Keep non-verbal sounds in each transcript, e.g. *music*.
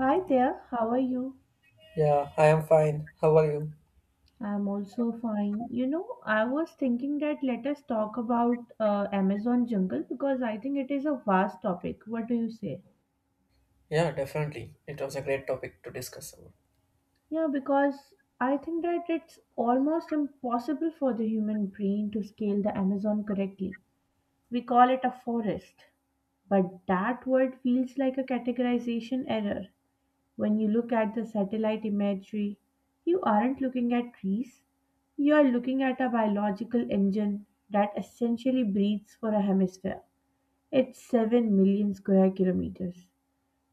Hi there, how are you? Yeah, I am fine. How are you? I'm also fine. I was thinking that let us talk about Amazon jungle because I think it is a vast topic. What do you say? Yeah, definitely. It was a great topic to discuss about. Yeah, because I think that it's almost impossible for the human brain to scale the Amazon correctly. We call it a forest, but that word feels like a categorization error. When you look at the satellite imagery, you aren't looking at trees, you are looking at a biological engine that essentially breathes for a hemisphere. It's 7 million square kilometers.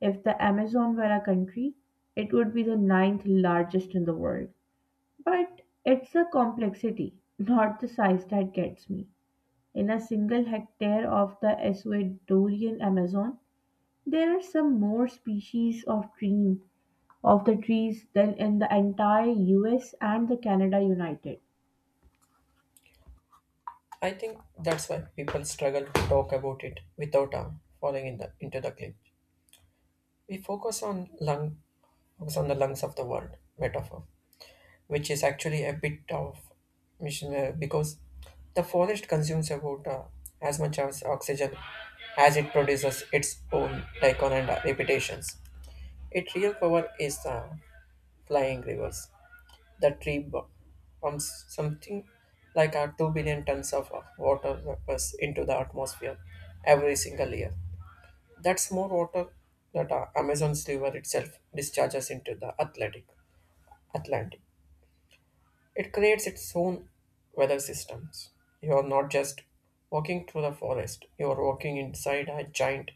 If the Amazon were a country, it would be the ninth largest in the world. But it's the complexity, not the size, that gets me. In a single hectare of the Ecuadorian Amazon, there are some more species of dream of the trees than in the entire US and the Canada united. I think that's why people struggle to talk about it without falling in the into the clinch. We focus on the lungs of the world metaphor, which is actually a bit of mission because the forest consumes about as much as oxygen as it produces its own icon and reputations. Its real power is flying rivers. The tree pumps something like 2 billion tons of water vapors into the atmosphere every single year. That's more water that Amazon's river itself discharges into the Atlantic. It creates its own weather systems. You are not just walking through the forest, you are walking inside a giant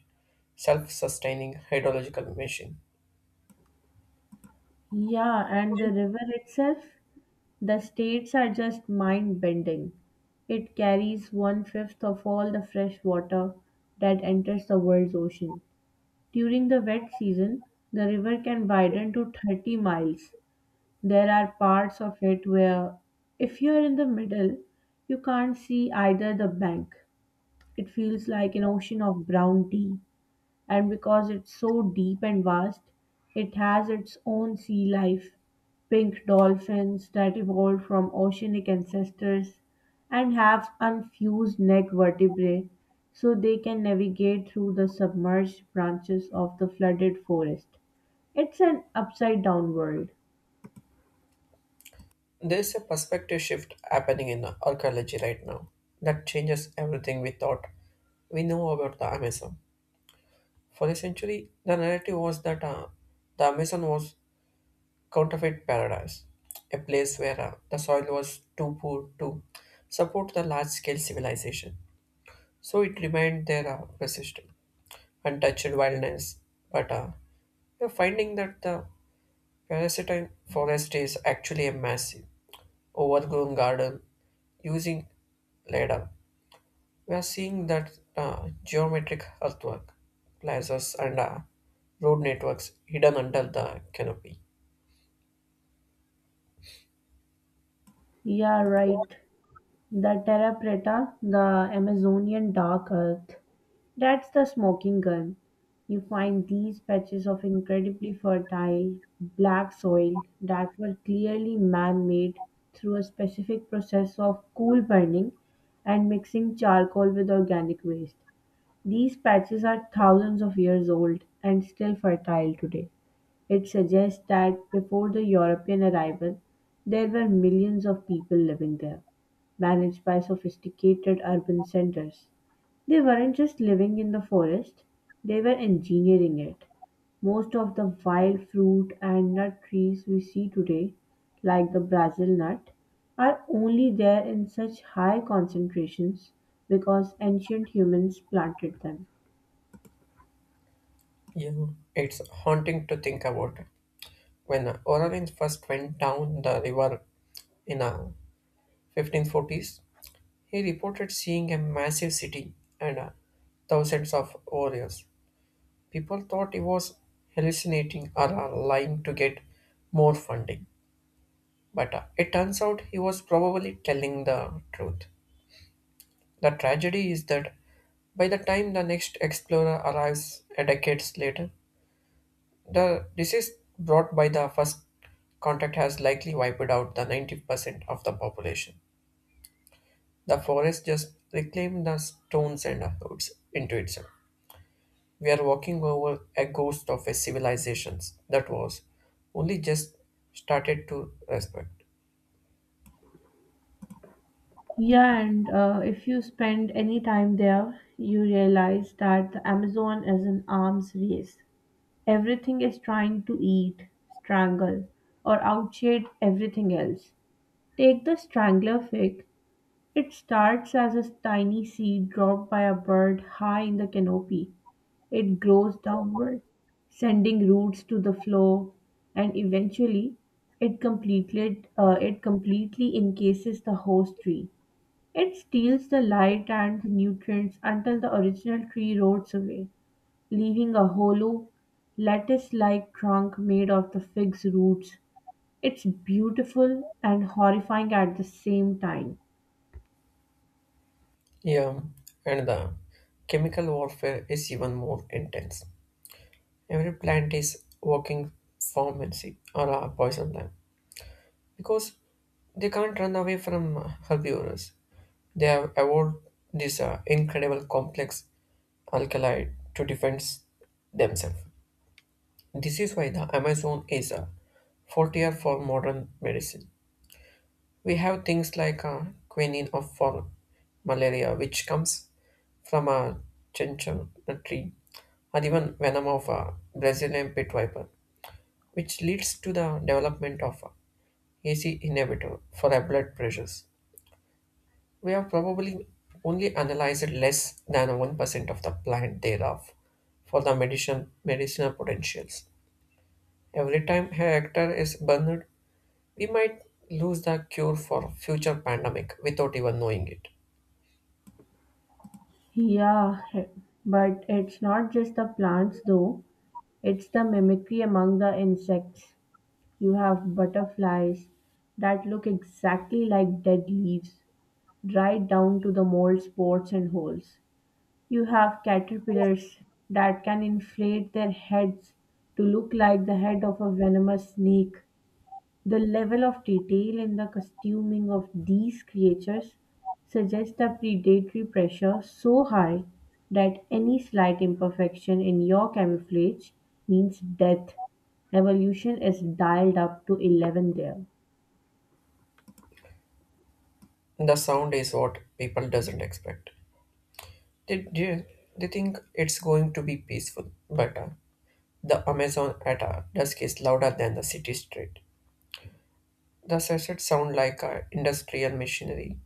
self sustaining hydrological machine. Yeah, and the river itself, the states are just mind bending. It carries one fifth of all the fresh water that enters the world's ocean. During the wet season, the river can widen to 30 miles. There are parts of it where, if you are in the middle, you can't see either the bank. It feels like an ocean of brown tea. And because it's so deep and vast, it has its own sea life, pink dolphins that evolved from oceanic ancestors and have unfused neck vertebrae so they can navigate through the submerged branches of the flooded forest. It's an upside down world. There's a perspective shift happening in archaeology right now that changes everything we thought we know about the Amazon. For a century, the narrative was that the Amazon was counterfeit paradise, a place where the soil was too poor to support the large-scale civilization. So it remained there persistent, untouched wilderness. But we're finding that the parasitic forest is actually a massive overgrown garden using ladder. We are seeing that geometric earthwork, plazas, and road networks hidden under the canopy. Yeah, right. The Terra Preta, the Amazonian dark earth, that's the smoking gun. You find these patches of incredibly fertile black soil that were clearly man made through a specific process of coal burning and mixing charcoal with organic waste. These patches are thousands of years old and still fertile today. It suggests that before the European arrival, there were millions of people living there, managed by sophisticated urban centers. They weren't just living in the forest, they were engineering it. Most of the wild fruit and nut trees we see today, like the Brazil nut, are only there in such high concentrations because ancient humans planted them. Yeah, it's haunting to think about. When Orleans first went down the river in the 1540s, he reported seeing a massive city and thousands of warriors. People thought he was hallucinating or lying to get more funding. But it turns out he was probably telling the truth. The tragedy is that by the time the next explorer arrives a decades later, the disease brought by the first contact has likely wiped out the 90% of the population. The forest just reclaimed the stones and woods into itself. We are walking over a ghost of a civilization that was only just started to respect. Yeah, and if you spend any time there, you realize that the Amazon is an arms race. Everything is trying to eat, strangle, or outshade everything else. Take the strangler fig. It starts as a tiny seed dropped by a bird high in the canopy. It grows downward, sending roots to the floor, and eventually, it completely encases the host tree. It steals the light and the nutrients until the original tree rots away, leaving a hollow, lattice-like trunk made of the fig's roots. It's beautiful and horrifying at the same time. Yeah, and the chemical warfare is even more intense. Every plant is working pharmacy or a poison lamp because they can't run away from herbivores. They have evolved this incredible complex alkaloid to defend themselves. This is why the Amazon is a frontier for modern medicine. We have things like quinine of for malaria, which comes from a chinchon tree, or even venom of a Brazilian pit viper, which leads to the development of a ACE inhibitor for our blood pressures. We have probably only analyzed less than 1% of the plant thereof for the medicinal potentials. Every time a hectare is burned, we might lose the cure for future pandemic without even knowing it. Yeah, but it's not just the plants though, it's the mimicry among the insects. You have butterflies that look exactly like dead leaves, right down to the mold spots and holes. You have caterpillars that can inflate their heads to look like the head of a venomous snake. The level of detail in the costuming of these creatures suggests a predatory pressure so high that any slight imperfection in your camouflage means death. Evolution is dialed up to 11 there. The sound is what people doesn't expect. They, they, they think it's going to be peaceful, but the Amazon at dusk is louder than the city street. The sessions sound like industrial machinery,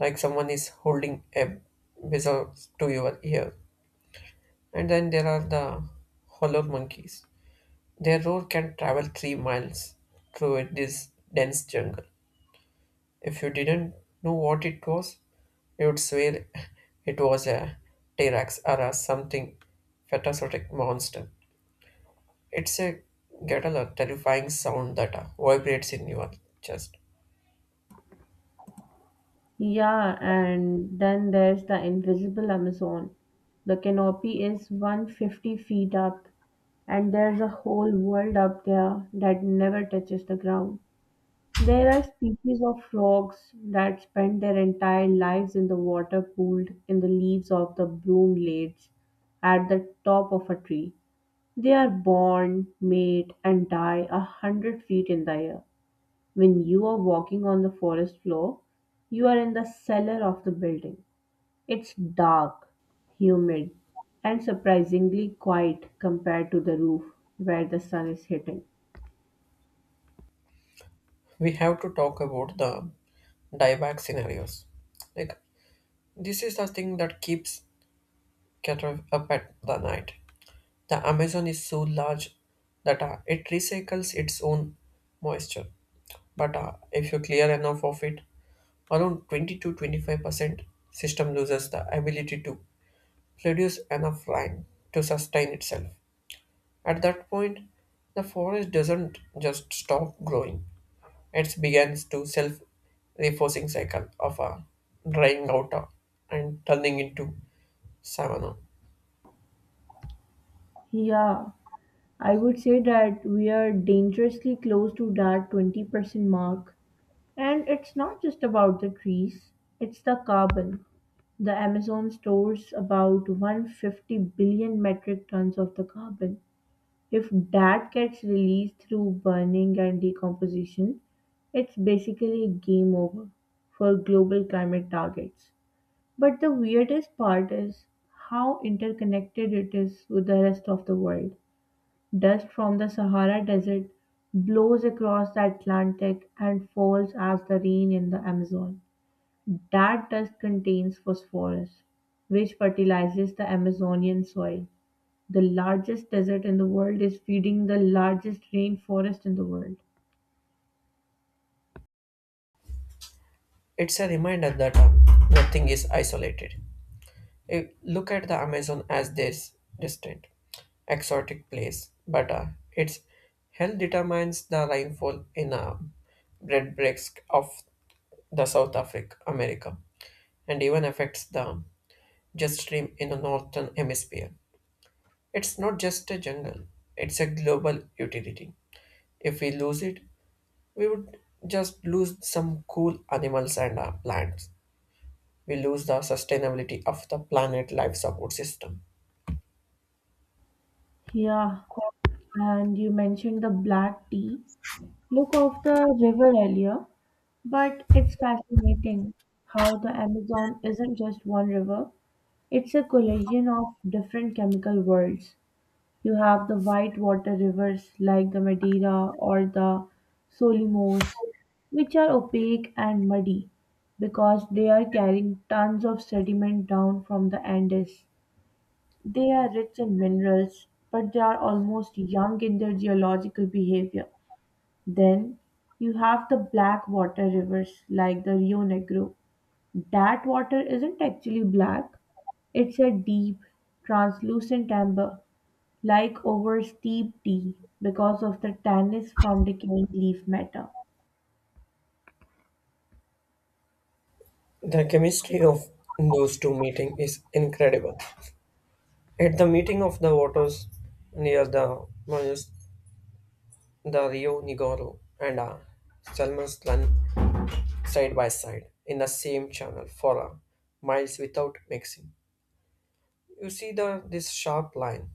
like someone is holding a whistle to your ear. And then there are the hollow monkeys. Their roar can travel 3 miles through this dense jungle. If you didn't know what it was, you'd swear it was a T-Rex or a something fantastic monster. It's a guttural, terrifying sound that vibrates in your chest. Yeah, and then there's the invisible Amazon. The canopy is 150 feet up, and there's a whole world up there that never touches the ground. There are species of frogs that spend their entire lives in the water pooled in the leaves of the broom broomlades at the top of a tree. They are born, mate, and die 100 feet in the air. When you are walking on the forest floor, you are in the cellar of the building. It's dark, humid, and surprisingly quiet compared to the roof where the sun is hitting. We have to talk about the dieback scenarios. Like this is the thing that keeps Cater up at the night. The Amazon is so large that it recycles its own moisture. But if you clear enough of it, around 20 to 25% system loses the ability to produce enough rain to sustain itself. At that point, the forest doesn't just stop growing. It begins to self reinforcing cycle of drying out and turning into savanna. Yeah, I would say that we are dangerously close to that 20% mark. And it's not just about the trees, it's the carbon. The Amazon stores about 150 billion metric tons of the carbon. If that gets released through burning and decomposition, it's basically game over for global climate targets. But the weirdest part is how interconnected it is with the rest of the world. Dust from the Sahara Desert blows across the Atlantic and falls as the rain in the Amazon. That dust contains phosphorus, which fertilizes the Amazonian soil. The largest desert in the world is feeding the largest rainforest in the world. It's a reminder that nothing is isolated. Look at the Amazon as this distant, exotic place, but its health determines the rainfall in bread of the South Africa, America, and even affects the jet stream in the northern hemisphere. It's not just a jungle; it's a global utility. If we lose it, we would just lose some cool animals and plants we lose the sustainability of the planet life support system. Yeah, and you mentioned the black tea. Look of the river earlier, but it's fascinating how the Amazon isn't just one river, it's a collision of different chemical worlds. You have the white water rivers like the Madeira or the Solomos, which are opaque and muddy because they are carrying tons of sediment down from the Andes. They are rich in minerals, but they are almost young in their geological behavior. Then you have the black water rivers like the Rio Negro, that water isn't actually black, it's a deep, translucent amber, like over steep tea, because of the tannins from decaying leaf matter. The chemistry of those two meeting is incredible. At the meeting of the waters near the Manus, the Rio Nigoro and Salmon's run side by side in the same channel for miles without mixing. You see the this sharp line,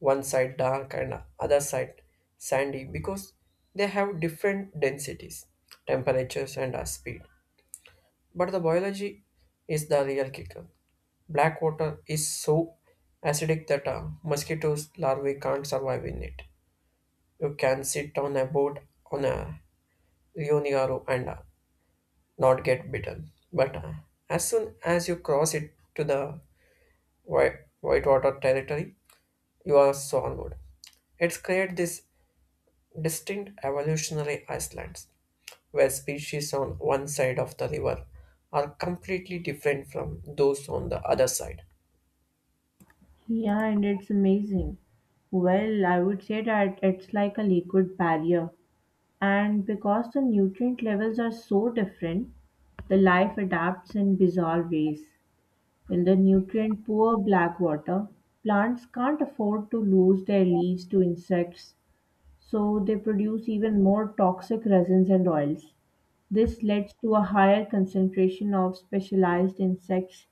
one side dark and other side sandy because they have different densities, temperatures and speed. But the biology is the real kicker. Black water is so acidic that mosquitoes larvae can't survive in it. You can sit on a boat on a Rio Negro and not get bitten. But as soon as you cross it to the whitewater territory, you are swallowed. It's created this distinct evolutionary islands where species on one side of the river are completely different from those on the other side. Yeah, and it's amazing. Well, I would say that it's like a liquid barrier. And because the nutrient levels are so different, the life adapts in bizarre ways. In the nutrient poor black water, plants can't afford to lose their leaves to insects so they produce even more toxic resins and oils. This leads to a higher concentration of specialized insects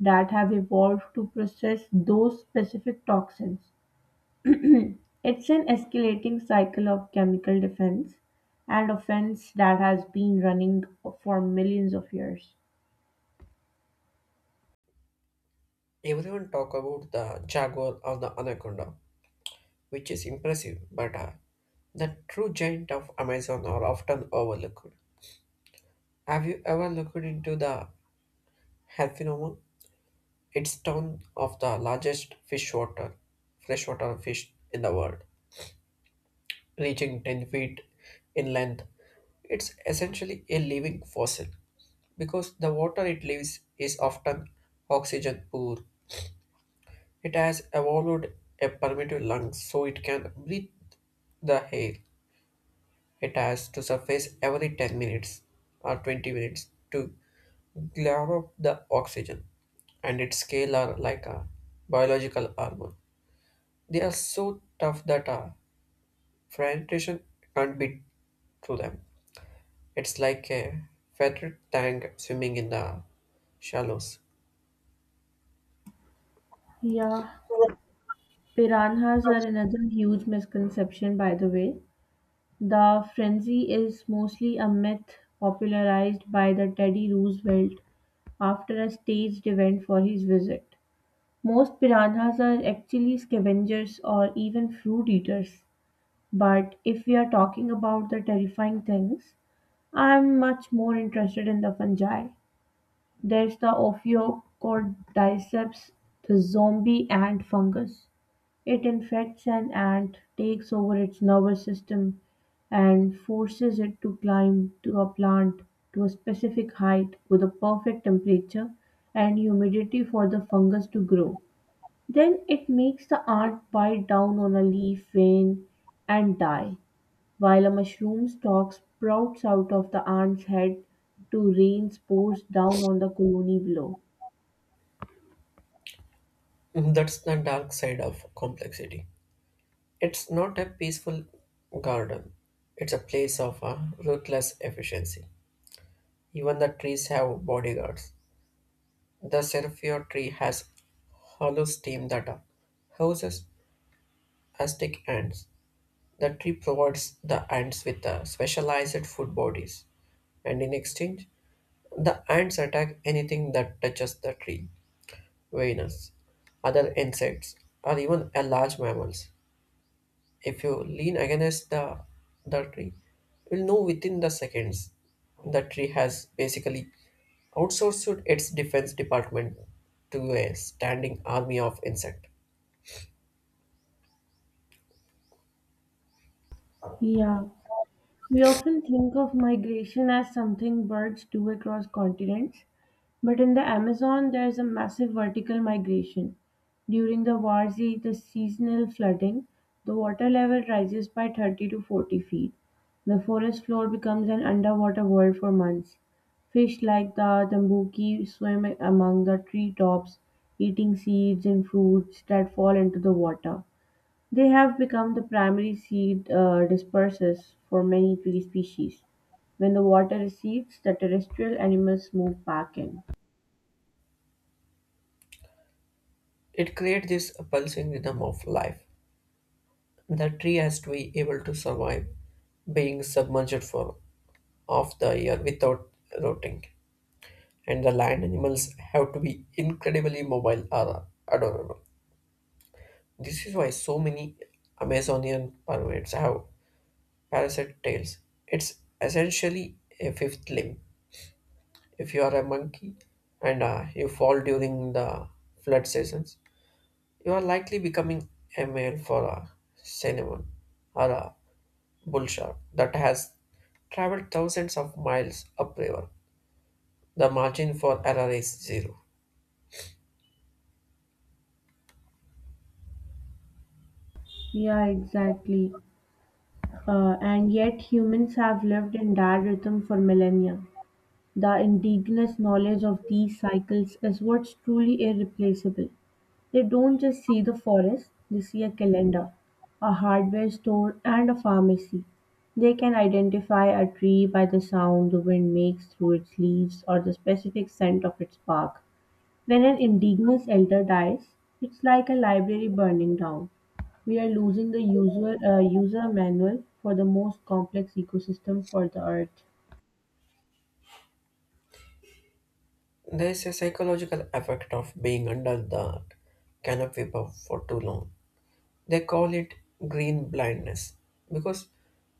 that have evolved to process those specific toxins. It's an escalating cycle of chemical defense and offense that has been running for millions of years. Everyone talk about the jaguar or the anaconda, which is impressive, but the true giant of Amazon are often overlooked. Have you ever looked into the Harpinoma? It's town of the largest freshwater fish in the world, reaching 10 feet in length. It's essentially a living fossil because the water it lives is often oxygen poor. It has evolved a permeable lung so it can breathe the air. It has to surface every 10 minutes or 20 minutes to grab up the oxygen, and its scale are like a biological armor. They are so tough that a fragmentation can't be through them. It's like a feathered tank swimming in the shallows. Yeah, piranhas are another huge misconception, by the way. The frenzy is mostly a myth popularized by the Teddy Roosevelt after a staged event for his visit. Most piranhas are actually scavengers or even fruit eaters. But if we are talking about the terrifying things, I'm much more interested in the fungi. There's the Ophiocordyceps, the zombie ant fungus. It infects an ant, takes over its nervous system, and forces it to climb to a plant to a specific height with a perfect temperature and humidity for the fungus to grow. Then it makes the ant bite down on a leaf vein and die. While a mushroom stalk sprouts out of the ant's head to rain spores down on the colony below. *laughs* That's the dark side of complexity. It's not a peaceful garden. It's a place of a ruthless efficiency. Even the trees have bodyguards. The seraphio tree has hollow stem that houses astic ants. The tree provides the ants with specialized food bodies, and in exchange, the ants attack anything that touches the tree, Venus, other insects, or even a large mammals. If you lean against the tree, you'll know within the seconds. The tree has basically outsourced its defense department to a standing army of insect. Yeah. We often think of migration as something birds do across continents, but in the Amazon there is a massive vertical migration. During the Warzi, the seasonal flooding, the water level rises by 30 to 40 feet. The forest floor becomes an underwater world for months. Fish like the tambuki swim among the treetops, eating seeds and fruits that fall into the water. They have become the primary seed dispersers for many tree species. When the water recedes, the terrestrial animals move back in. It creates this pulsing rhythm of life. The tree has to be able to survive being submerged for half the year without rotting. And the land animals have to be incredibly mobile or adorable. This is why so many Amazonian primates have parasite tails. It's essentially a fifth limb. If you are a monkey and you fall during the flood seasons, you are likely becoming a male for a cinnamon or a bull shark that has traveled thousands of miles upriver. The margin for error is zero. Yeah, exactly. And yet, humans have lived in that rhythm for millennia. The indigenous knowledge of these cycles is what's truly irreplaceable. They don't just see the forest, they see a calendar, a hardware store, and a pharmacy. They can identify a tree by the sound the wind makes through its leaves or the specific scent of its bark. When an indigenous elder dies, it's like a library burning down. We are losing the user manual for the most complex ecosystem for the earth. There is a psychological effect of being under the canopy above for too long. They call it green blindness because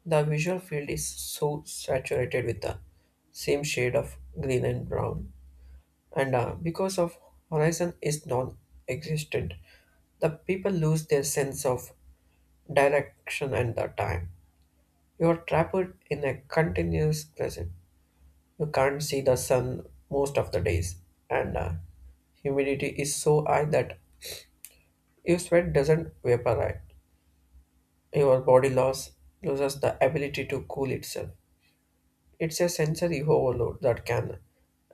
the visual field is so saturated with the same shade of green and brown. And because of horizon is non-existent, the people lose their sense of direction and the time. You are trapped in a continuous present. You can't see the sun most of the days, and humidity is so high that your sweat doesn't vaporize. Your body loss loses the ability to cool itself. It's a sensory overload that can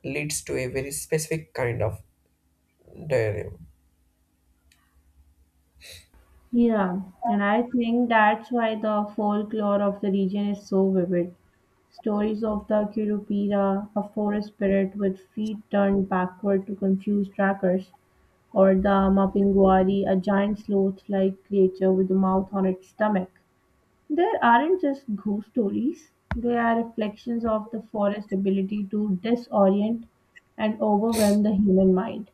leads to a very specific kind of diarrhea. Yeah, and I think that's why the folklore of the region is so vivid. Stories of the Curupira, a forest spirit with feet turned backward to confuse trackers, or the Mapinguari, a giant sloth like creature with a mouth on its stomach. There aren't just ghost stories, they are reflections of the forest's ability to disorient and overwhelm the human mind.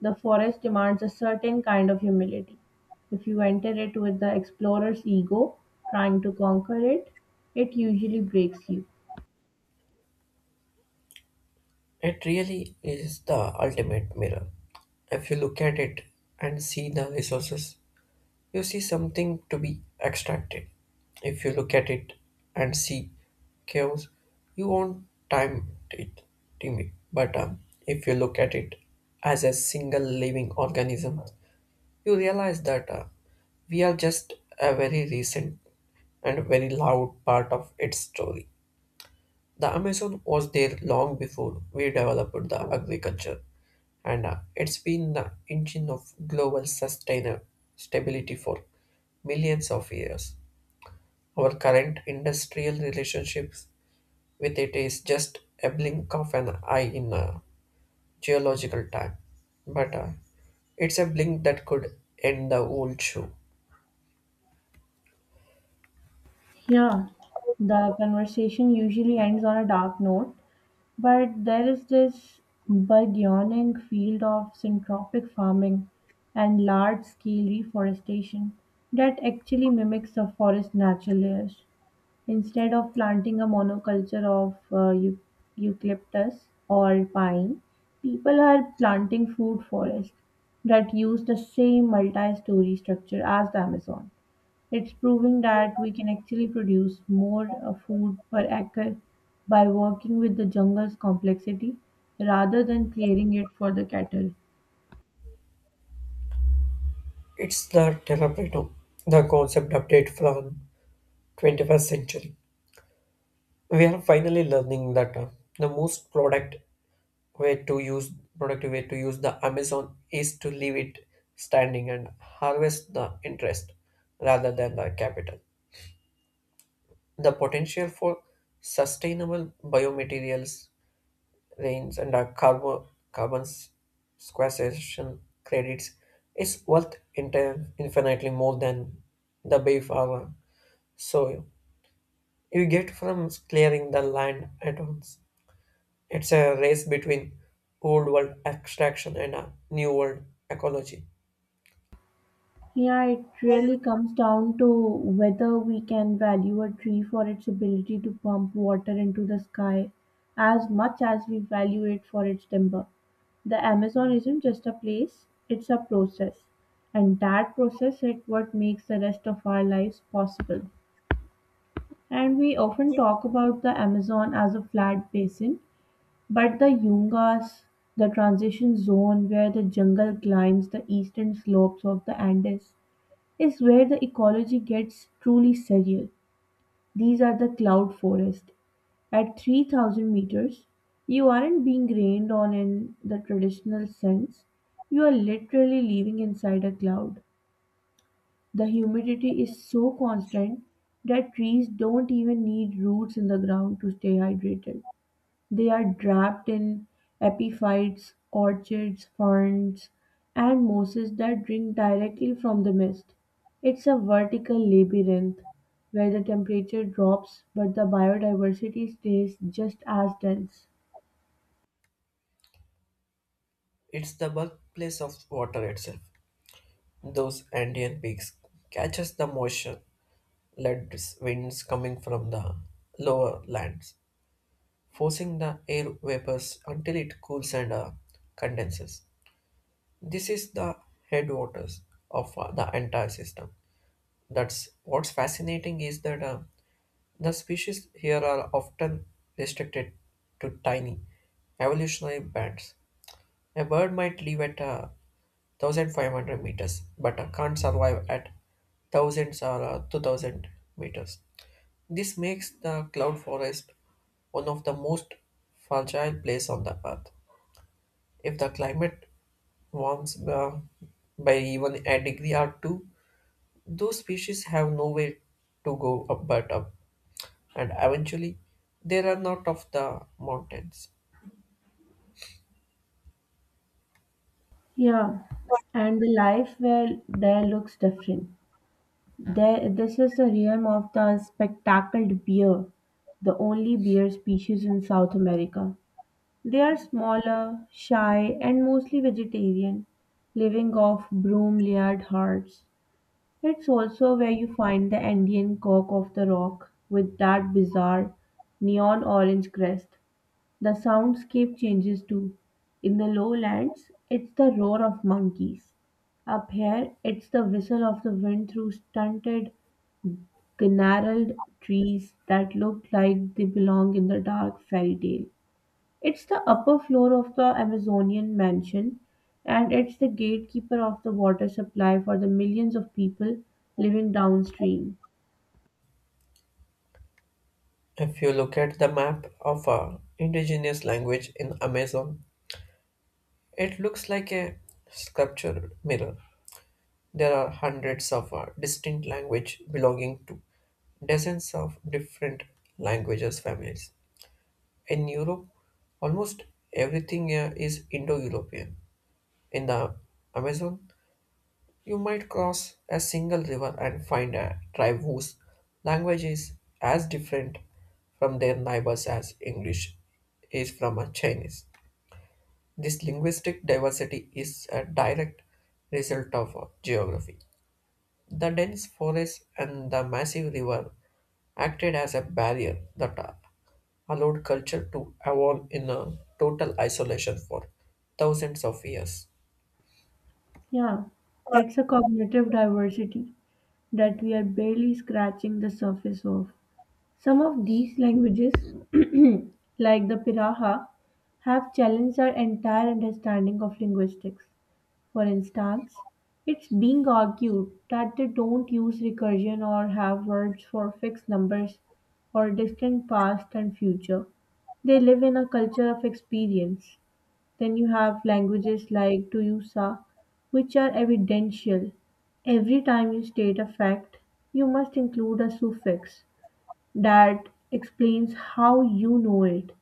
The forest demands a certain kind of humility. If you enter it with the explorer's ego, trying to conquer it, it usually breaks you. It really is the ultimate mirror. If you look at it and see the resources, you see something to be extracted. If you look at it and see chaos, you won't time it, Timmy. But if you look at it as a single living organism, you realize that we are just a very recent and very loud part of its story. The Amazon was there long before we developed the agriculture, and it's been the engine of global sustainable stability for millions of years. Our current industrial relationships with it is just a blink of an eye in a geological time, but it's a blink that could end the whole show. Yeah, the conversation usually ends on a dark note, but there is this burgeoning field of syntropic farming and large scale reforestation that actually mimics the forest natural layers. Instead of planting a monoculture of eucalyptus or pine, people are planting food forests that use the same multi story structure as the Amazon. It's proving that we can actually produce more food per acre by working with the jungle's complexity rather than clearing it for the cattle. It's the Terraprito, the concept update from 21st century. We are finally learning that the most way to use productive way to use the Amazon is to leave it standing and harvest the interest rather than the capital. The potential for sustainable biomaterials, rains, and carbon sequestration credits is worth infinitely more than the beef hour. So you get from clearing the land at once. It's a race between old world extraction and a new world ecology. Yeah, it really comes down to whether we can value a tree for its ability to pump water into the sky as much as we value it for its timber. The Amazon isn't just a place, it's a process. And that process is what makes the rest of our lives possible. And we often talk about the Amazon as a flat basin, but the Yungas, the transition zone where the jungle climbs the eastern slopes of the Andes, is where the ecology gets truly surreal. These are the cloud forest. At 3,000 meters, you aren't being rained on in the traditional sense. You are literally living inside a cloud. The humidity is so constant that trees don't even need roots in the ground to stay hydrated. They are trapped in epiphytes, orchids, ferns, and mosses that drink directly from the mist. It's a vertical labyrinth where the temperature drops but the biodiversity stays just as dense. It's the birthplace of water itself. Those Andean peaks catches the moisture led winds coming from the lower lands, forcing the air vapors until it cools and condenses. This is the headwaters of the entire system. That's what's fascinating is that the species here are often restricted to tiny evolutionary bands. A bird might live at 1500 meters but can't survive at thousands or 2000 meters. This makes the cloud forest one of the most fragile place on the earth. If the climate warms by even a degree or two, those species have nowhere to go up but up, and eventually they run out of the mountains. Yeah, and the life where there looks different. There, this is the realm of the spectacled bear, the only bear species in South America. They are smaller, shy, and mostly vegetarian, living off broom layered hearts. It's also where you find the Andean cock of the rock with that bizarre neon orange crest. The soundscape changes too. In the lowlands, it's the roar of monkeys. Up here, it's the whistle of the wind through stunted the gnarled trees that look like they belong in the dark fairy tale. It's the upper floor of the Amazonian mansion, and it's the gatekeeper of the water supply for the millions of people living downstream. If you look at the map of a indigenous language in Amazon, it looks like a sculptural mirror. There are hundreds of distinct language belonging to dozens of different languages families. In Europe, almost everything is Indo-European. In the Amazon, you might cross a single river and find a tribe whose language is as different from their neighbors as English is from a Chinese. This linguistic diversity is a direct result of geography. The dense forest and the massive river acted as a barrier that allowed culture to evolve in a total isolation for thousands of years. Yeah, it's a cognitive diversity that we are barely scratching the surface of. Some of these languages, *clears throat* like the Piraha, have challenged our entire understanding of linguistics. For instance, it's being argued that they don't use recursion or have words for fixed numbers or distant past and future. They live in a culture of experience. Then you have languages like Tuyusa, which are evidential. Every time you state a fact, you must include a suffix that explains how you know it.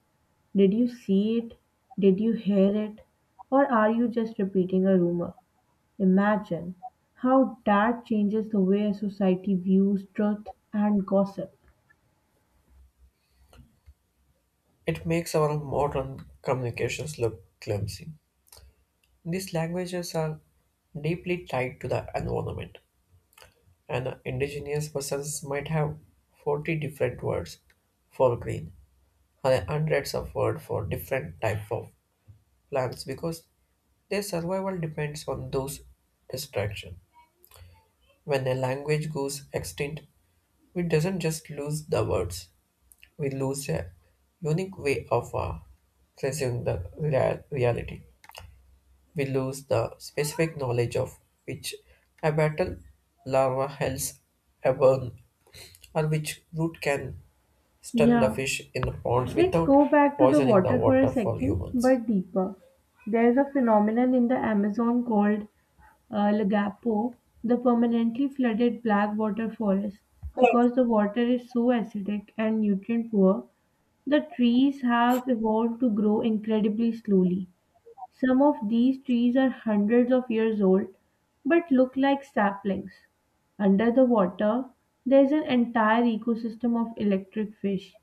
Did you see it? Did you hear it? Or are you just repeating a rumor? Imagine how that changes the way society views truth and gossip. It makes our modern communications look clumsy. These languages are deeply tied to the environment. An indigenous persons might have 40 different words for green and hundreds of words for different type of plants because their survival depends on those distractions. When a language goes extinct, we doesn't just lose the words, we lose a unique way of perceiving the reality. We lose the specific knowledge of which habitable larva helps abound or which root can stun the Yeah, fish in the pond let's without go back to the poisoning the water for a water for second, humans. but deeper. There's a phenomenon in the Amazon called Lagapo, the permanently flooded black water forest. Because the water is so acidic and nutrient poor, the trees have evolved to grow incredibly slowly. Some of these trees are hundreds of years old but look like saplings. Under the water, there is an entire ecosystem of electric fish.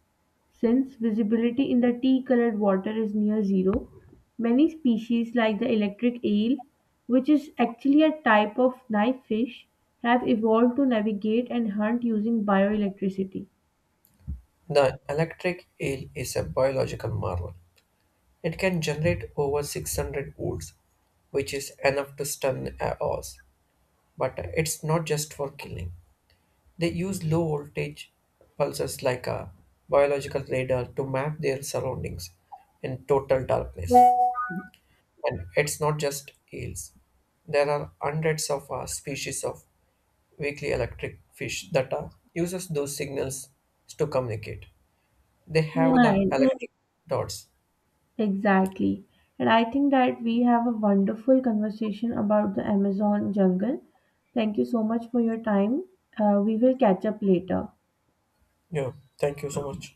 Since visibility in the tea colored water is near zero, many species like the electric eel, which is actually a type of knife fish, have evolved to navigate and hunt using bioelectricity. The electric eel is a biological marvel. It can generate over 600 volts, which is enough to stun a horse. But it's not just for killing. They use low voltage pulses like a biological radar to map their surroundings in total darkness. And it's not just eels. There are hundreds of species of weakly electric fish that uses those signals to communicate. They have Yeah, the electric dots. exactly. And I think that we have a wonderful conversation about the Amazon jungle. Thank you so much for your time. We will catch up later. Yeah, thank you so much.